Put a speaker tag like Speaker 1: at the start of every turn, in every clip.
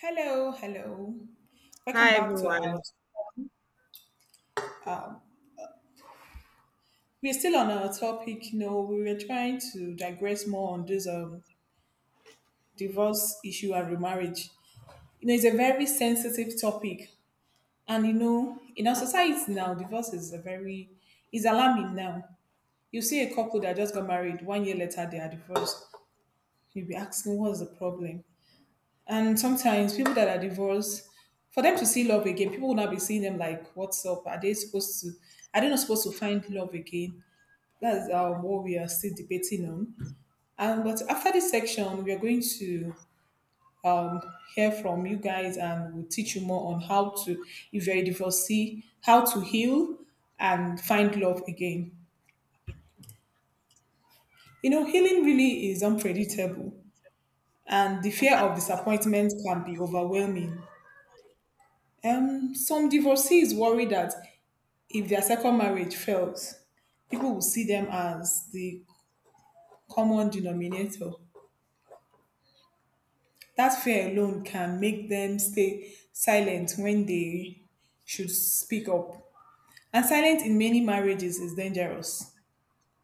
Speaker 1: Hello, hello. Welcome
Speaker 2: Hi,
Speaker 1: back to our.
Speaker 2: everyone.
Speaker 1: We're still on our topic. We were trying to digress more on this divorce issue and remarriage. You know, it's a very sensitive topic, and in our society now, divorce is a very is alarming now. You see a couple that just got married, 1 year later they are divorced. You'll be asking, what's the problem? And sometimes people that are divorced, for them to see love again, people will not be seeing them like, what's up? Are they supposed to? Are they not supposed to find love again? That's what we are still debating on. And but after this section, we are going to um, hear from you guys, and we'll teach you more on how to, if you're a divorcee, how to heal and find love again. Healing really is unpredictable, and the fear of disappointment can be overwhelming. Some divorcees worry that if their second marriage fails, people will see them as the common denominator. That fear alone can make them stay silent when they should speak up. And silence in many marriages is dangerous.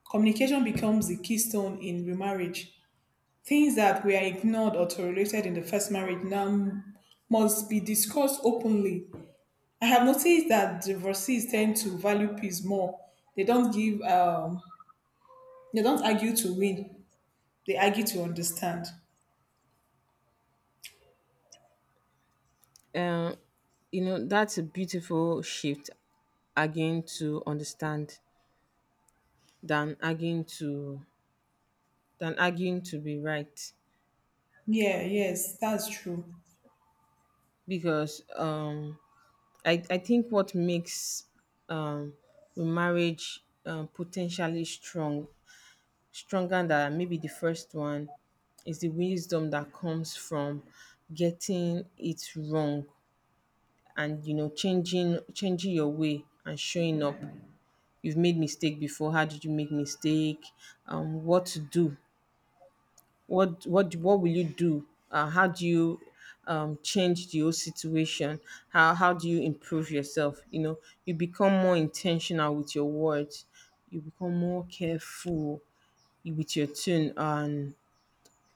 Speaker 1: Communication becomes the keystone in remarriage. Things that were ignored or tolerated in the first marriage now must be discussed openly. I have noticed that divorcees tend to value peace more. They don't give um they don't argue to win. They argue to understand.
Speaker 2: Um, you know, that's a beautiful shift again to understand than again to than arguing to be right.
Speaker 1: Yeah, yes, that's true.
Speaker 2: Because I think what makes um the marriage potentially strong stronger than maybe the first one is the wisdom that comes from getting it wrong, and you know changing your way and showing up. You've made mistake before. How did you make mistake? What to do? What will you do? How do you change the whole situation? How do you improve yourself, you know? You become more intentional with your words. You become more careful with your tune, and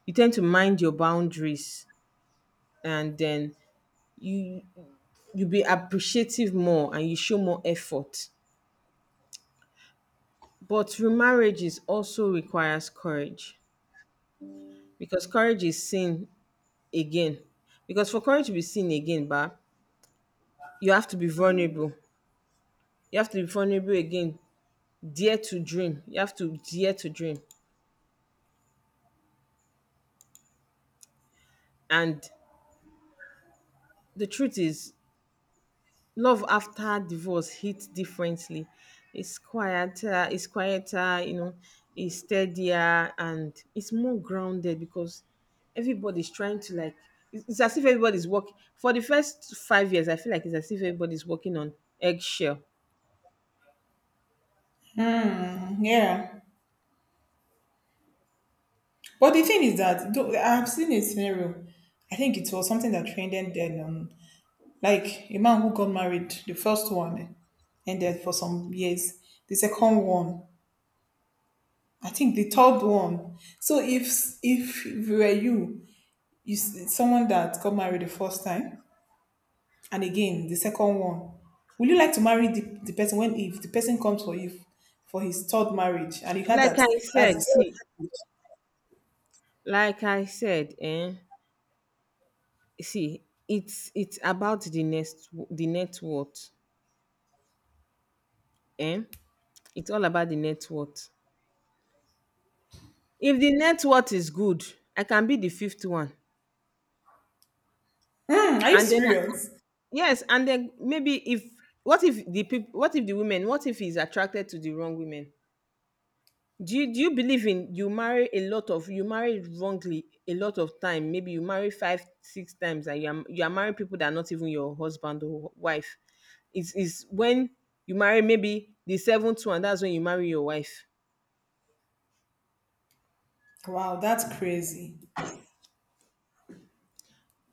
Speaker 2: you tend to mind your boundaries. And then you you be appreciative more and you show more effort. But remarriages also requires courage. Because courage is seen again. Because for courage to be seen again ba, you have to be vulnerable. You have to be vulnerable again. Dare to dream. You have to dare to dream. And the truth is, love after divorce hits differently. It's quieter. It's quieter, you know. It's steadier and it's more grounded because everybody's trying to like, it's as if everybody's working for the first 5 years. I feel like it's as if everybody's working on eggshell.
Speaker 1: Yeah. But the thing is that though I've seen a scenario. I think it was something that trended then, like a man who got married, the first one ended for some years. The second one, I think the third one. So if we were you, someone that got married the first time, and again the second one, would you like to marry the person when if the person comes for you for his third marriage and you had
Speaker 2: Like
Speaker 1: that
Speaker 2: I
Speaker 1: that's
Speaker 2: said,
Speaker 1: his,
Speaker 2: see, like I said, eh, see, it's about the next the net worth, eh? It's all about the net worth. If the net worth is good, I can be the fifth one,
Speaker 1: hmm, are you
Speaker 2: and then I,
Speaker 1: serious?
Speaker 2: yes, and then maybe if, what if the people, what if the women, what if he's attracted to the wrong women? Do you believe in you marry a lot of you marry wrongly a lot of time? Maybe you marry 5, 6 times, and you are marrying people that are not even your husband or wife. It's is when you marry maybe the seventh one, that's when you marry your wife.
Speaker 1: Wow, that's crazy.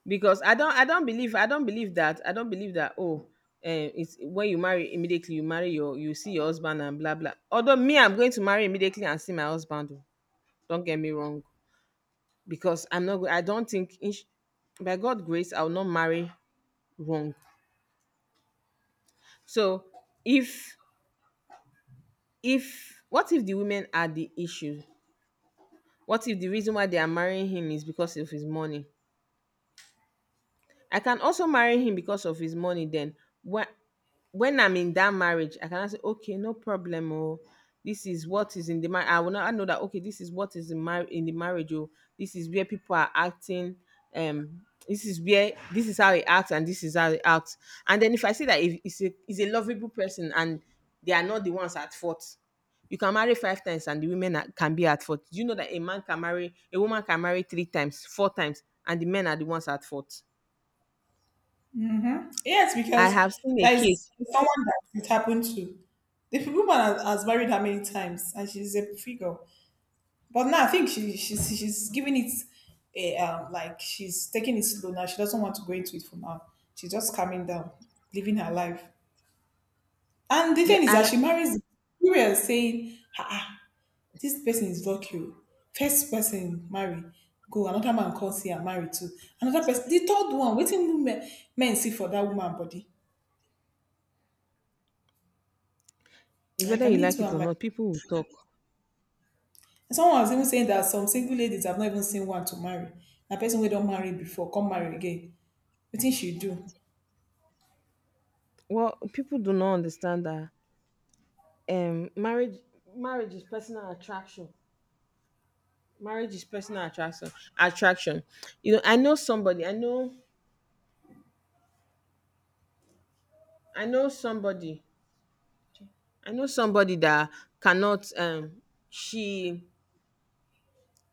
Speaker 2: Because I don't believe I don't believe that I don't believe that, oh eh, it's when you marry immediately you marry your you see your husband and blah blah. Although me, I'm going to marry immediately and see my husband. Oh, don't get me wrong because I'm not go- I don't think in- by God grace I'll not marry wrong. So if if what if the women are the issue? What if the reason why they are marrying him is because of his money? I can also marry him because of his money. Then when when I'm in that marriage, I can say, okay, no problem. Oh, this is what is in the marriage. I will not know that, okay, this is what is in mar- in the marriage. Oh, this is where people are acting. This is where this is how he acts, and this is how he acts. And then if I see that if he's a lovable person and they are not the ones at fault, you can marry 5 times and the women are, can be at fault. Do you know that a man can marry a woman can marry 3 times, 4 times, and the men are the ones at fault?
Speaker 1: Yes,
Speaker 2: I
Speaker 1: because
Speaker 2: have seen a
Speaker 1: there is
Speaker 2: case.
Speaker 1: someone that it happened to. The woman has married her many times, and she's a figure. But now I think she's giving it a like she's taking it slow now. She doesn't want to go into it for now. She's just calming down, living her life. And the
Speaker 2: Yeah,
Speaker 1: thing is that
Speaker 2: I,
Speaker 1: she marries. We are saying, ah, ah, this person is lucky. Oh. First person marry, go another man comes here and marry too. Another person, the third one. Waiting men men see for that woman body.
Speaker 2: whether
Speaker 1: Like I
Speaker 2: you
Speaker 1: mean
Speaker 2: like
Speaker 1: too.
Speaker 2: it
Speaker 1: I'm
Speaker 2: or
Speaker 1: like.
Speaker 2: not, people will talk.
Speaker 1: And someone was even saying that some single ladies have not even seen one to marry. A person we don't marry before come marry again. What did she do?
Speaker 2: Well, people do not understand that um marriage marriage is personal attraction. Marriage is personal attraction. Attraction. You know, I know somebody. I know. I know somebody. I know somebody that cannot. She,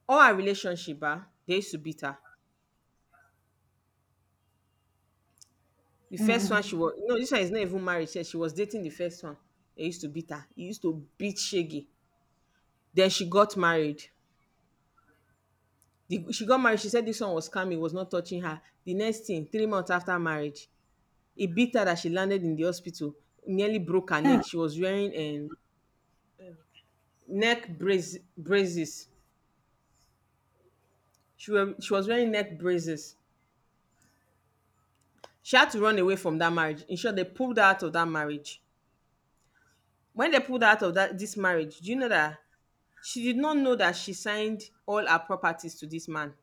Speaker 2: all her relationship. Ah, they used to beat her. The first one she was. No, this one is not even married. She was dating the first one. They used to beat her. He used to beat Shaggy. Then she got married. The, she got married. She said this one was scammy, was not touching her. The next thing, 3 months after marriage, it beat her that she landed in the hospital, nearly broke her neck.
Speaker 1: um
Speaker 2: She was wearing neck brace, braces. She, were, she was wearing neck braces. She had to run away from that marriage. In short, they pulled her out of that marriage. When they pulled her out of that this marriage, do you know that she did not know that she signed all her properties to this man?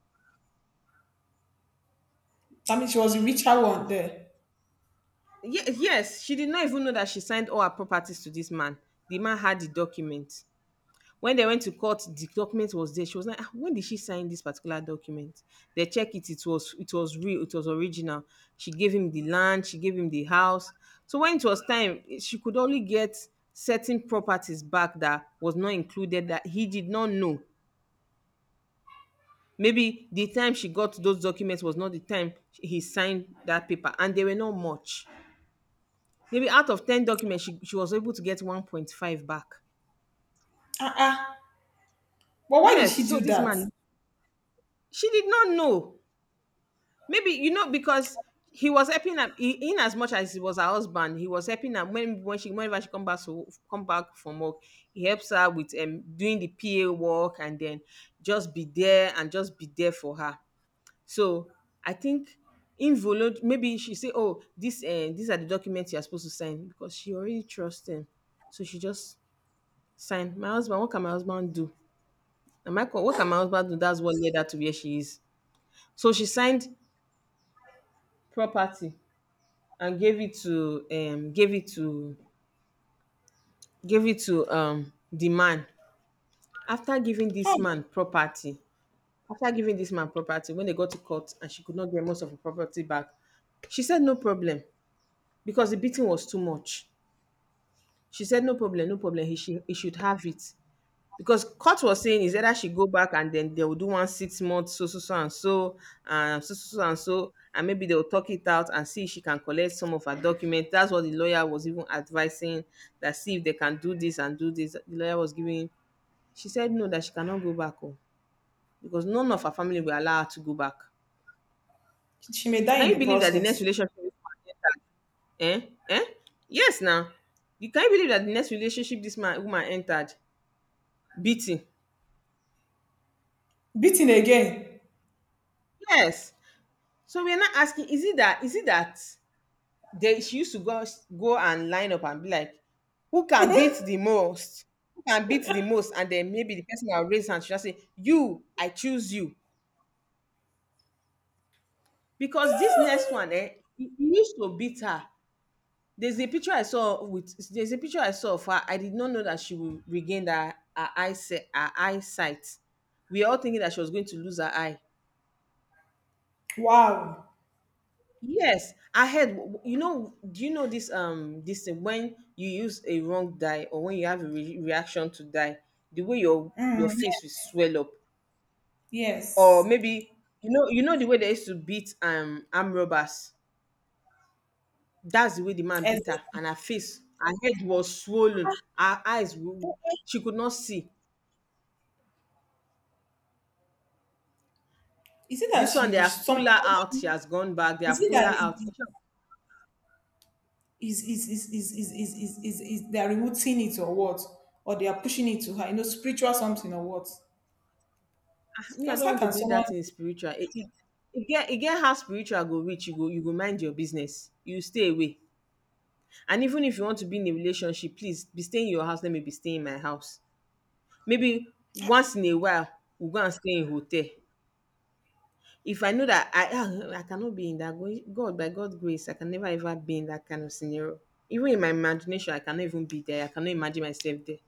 Speaker 1: I mean she was the richer one there.
Speaker 2: Ye- yes, she did not even know that she signed all her properties to this man. The man had the document. When they went to court, the document was there. She was like, "Ah, when did she sign this particular document? They check it. It was real. It was original. She gave him the land. She gave him the house. So when it was time, she could only get certain properties back that was not included that he did not know. Maybe the time she got those documents was not the time he signed that paper, and they were not much. Maybe out of 10 documents, she was able to get 1.5 back.
Speaker 1: Ah, ah. But why did she
Speaker 2: Yes. So
Speaker 1: do
Speaker 2: this
Speaker 1: that?
Speaker 2: man, she did not know. Maybe you know because he was helping her. He- In as much as he was her husband, he was helping her when she whenever she come back to come back from work, he helps her with doing the PA work and then just be there and just be there for her. So I think involunt maybe she say, oh, this these are the documents you are supposed to sign because she already trusts him. So she just sign. My husband, what can my husband do? And my co- what can my husband do? That's what led her to where she is. So she signed property. And gave it to gave it to gave it to the man. After giving
Speaker 1: How?
Speaker 2: this man property, after giving this man property, when they got to court and she could not get most of her property back, she said no problem because the beating was too much. She said no problem, no problem, he should, he should have it. Because court was saying is either she go back and then they will do one six month so so so and so, and so so so and so, and maybe they'll talk it out and see if she can collect some of her documents. That's what the lawyer was even advising, that see if they can do this and do this. The lawyer was giving. She said no, that she cannot go back home because none of her family will allow her to go back.
Speaker 1: She may die
Speaker 2: Can
Speaker 1: in
Speaker 2: you
Speaker 1: the
Speaker 2: believe that the next
Speaker 1: process.
Speaker 2: relationship this man, eh? Eh? Yes now. You can you believe that the next relationship this man woman entered? Beating.
Speaker 1: Beaten again.
Speaker 2: Yes. So we're not asking, is it that they she used to go out- go and line up and be like, who can beat the most? Who can beat the most? And then maybe the person will raise hand. She'll just say, you, I choose you. Because this next one, eh, he used to beat her. There's a picture I saw with there's a picture I saw of her. I did not know that she would regain her, her eyesight her eyesight. We are all thinking that she was going to lose her eye.
Speaker 1: Wow.
Speaker 2: Yes, I had. You know, do you know this? This thing, when you use a wrong dye or when you have a re- reaction to dye, the way your
Speaker 1: um
Speaker 2: face will swell up, or
Speaker 1: yes.
Speaker 2: maybe you know the way they used to beat arm robbers. That's the way the man beat her,
Speaker 1: Exactly.
Speaker 2: and her face, her head was swollen, her eyes, wo- she could not see.
Speaker 1: Is it that
Speaker 2: This one
Speaker 1: she
Speaker 2: they have pulled
Speaker 1: some
Speaker 2: her out. She
Speaker 1: someone
Speaker 2: has gone back. They
Speaker 1: is
Speaker 2: have
Speaker 1: it
Speaker 2: pulled her out.
Speaker 1: that is they are removing it or what, or they are pushing it to her, you know, spiritual something or what?
Speaker 2: Me I
Speaker 1: Because
Speaker 2: don't
Speaker 1: how
Speaker 2: want to
Speaker 1: can
Speaker 2: believe
Speaker 1: someone?
Speaker 2: that thing spiritual, it get, it get how spiritual go reach, you go, you go mind your business, you stay away. And even if you want to be in a relationship, please be staying in your house, let me be staying in my house. Maybe once in a while we go and stay in hotel. If I know that, I ah, I cannot be in that going god by God's grace I can never ever be in that kind of scenario. Even in my imagination I cannot even be there. I cannot imagine myself there.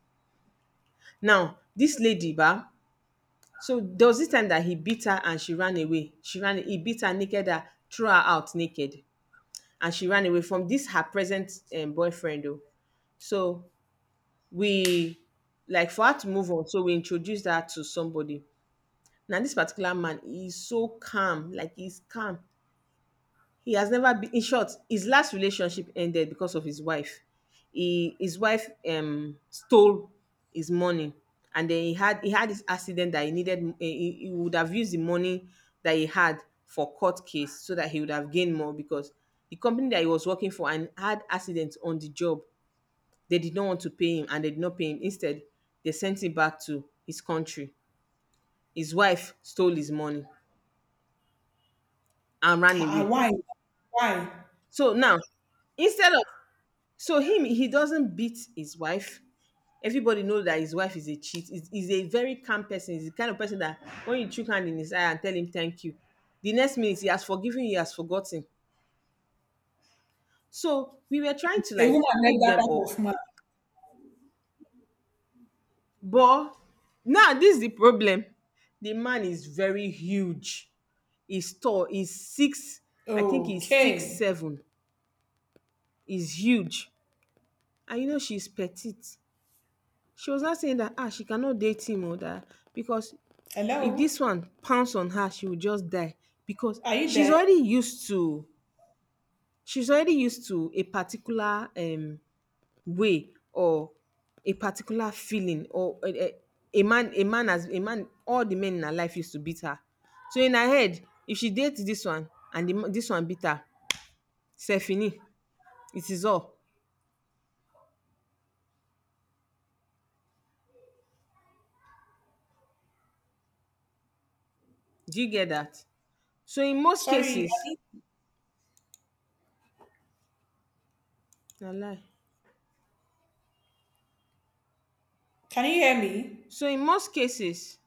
Speaker 2: Now this lady ba, so there was this time that he beat her and she ran away. She ran. He beat her naked, her, threw her out naked, and she ran away from this her present boyfriend. Though, so we like for her to move on. So we introduced her to somebody. Now this particular man, he is so calm, like he's calm. He has never been in short, his last relationship ended because of his wife. He his wife stole his money, and then he had this accident that he needed eh, he would have used the money that he had for court case so that he would have gained more, because the company that he was working for and had accident on the job, they did not want to pay him and they did not pay him. Instead, they sent him back to his country. His wife stole his money and ran
Speaker 1: Ah, ah,
Speaker 2: away.
Speaker 1: why? Why?
Speaker 2: So now, instead of, so him, he doesn't beat his wife. Everybody know that his wife is a cheat. He's a very calm person. He's the kind of person that when you chook hand in his eye and tell him thank you, the next minute he has forgiven, you, he has forgotten. So we were trying
Speaker 1: It's
Speaker 2: to
Speaker 1: a
Speaker 2: like
Speaker 1: woman like
Speaker 2: hook
Speaker 1: that
Speaker 2: them
Speaker 1: type
Speaker 2: up,
Speaker 1: of man.
Speaker 2: but now this is the problem. The man is very huge. He's tall. He's six. I think he's six
Speaker 1: Okay.
Speaker 2: seven. He's huge, and you know she's petite. She was not saying that ah she cannot date him or that because if
Speaker 1: Hello?
Speaker 2: dis one pounce on her she will just die because
Speaker 1: Are you
Speaker 2: she's
Speaker 1: there?
Speaker 2: already used to, she's already used to a particular way or a particular feeling or a man, a man as a man all the men in her life used to beat her. So in her head, if she date this one and the, ma- this one beat her, c'est fini. It is all. Do you get that? So in most
Speaker 1: Sorry, are
Speaker 2: cases,
Speaker 1: you
Speaker 2: na lie,
Speaker 1: can you hear me?
Speaker 2: so in most cases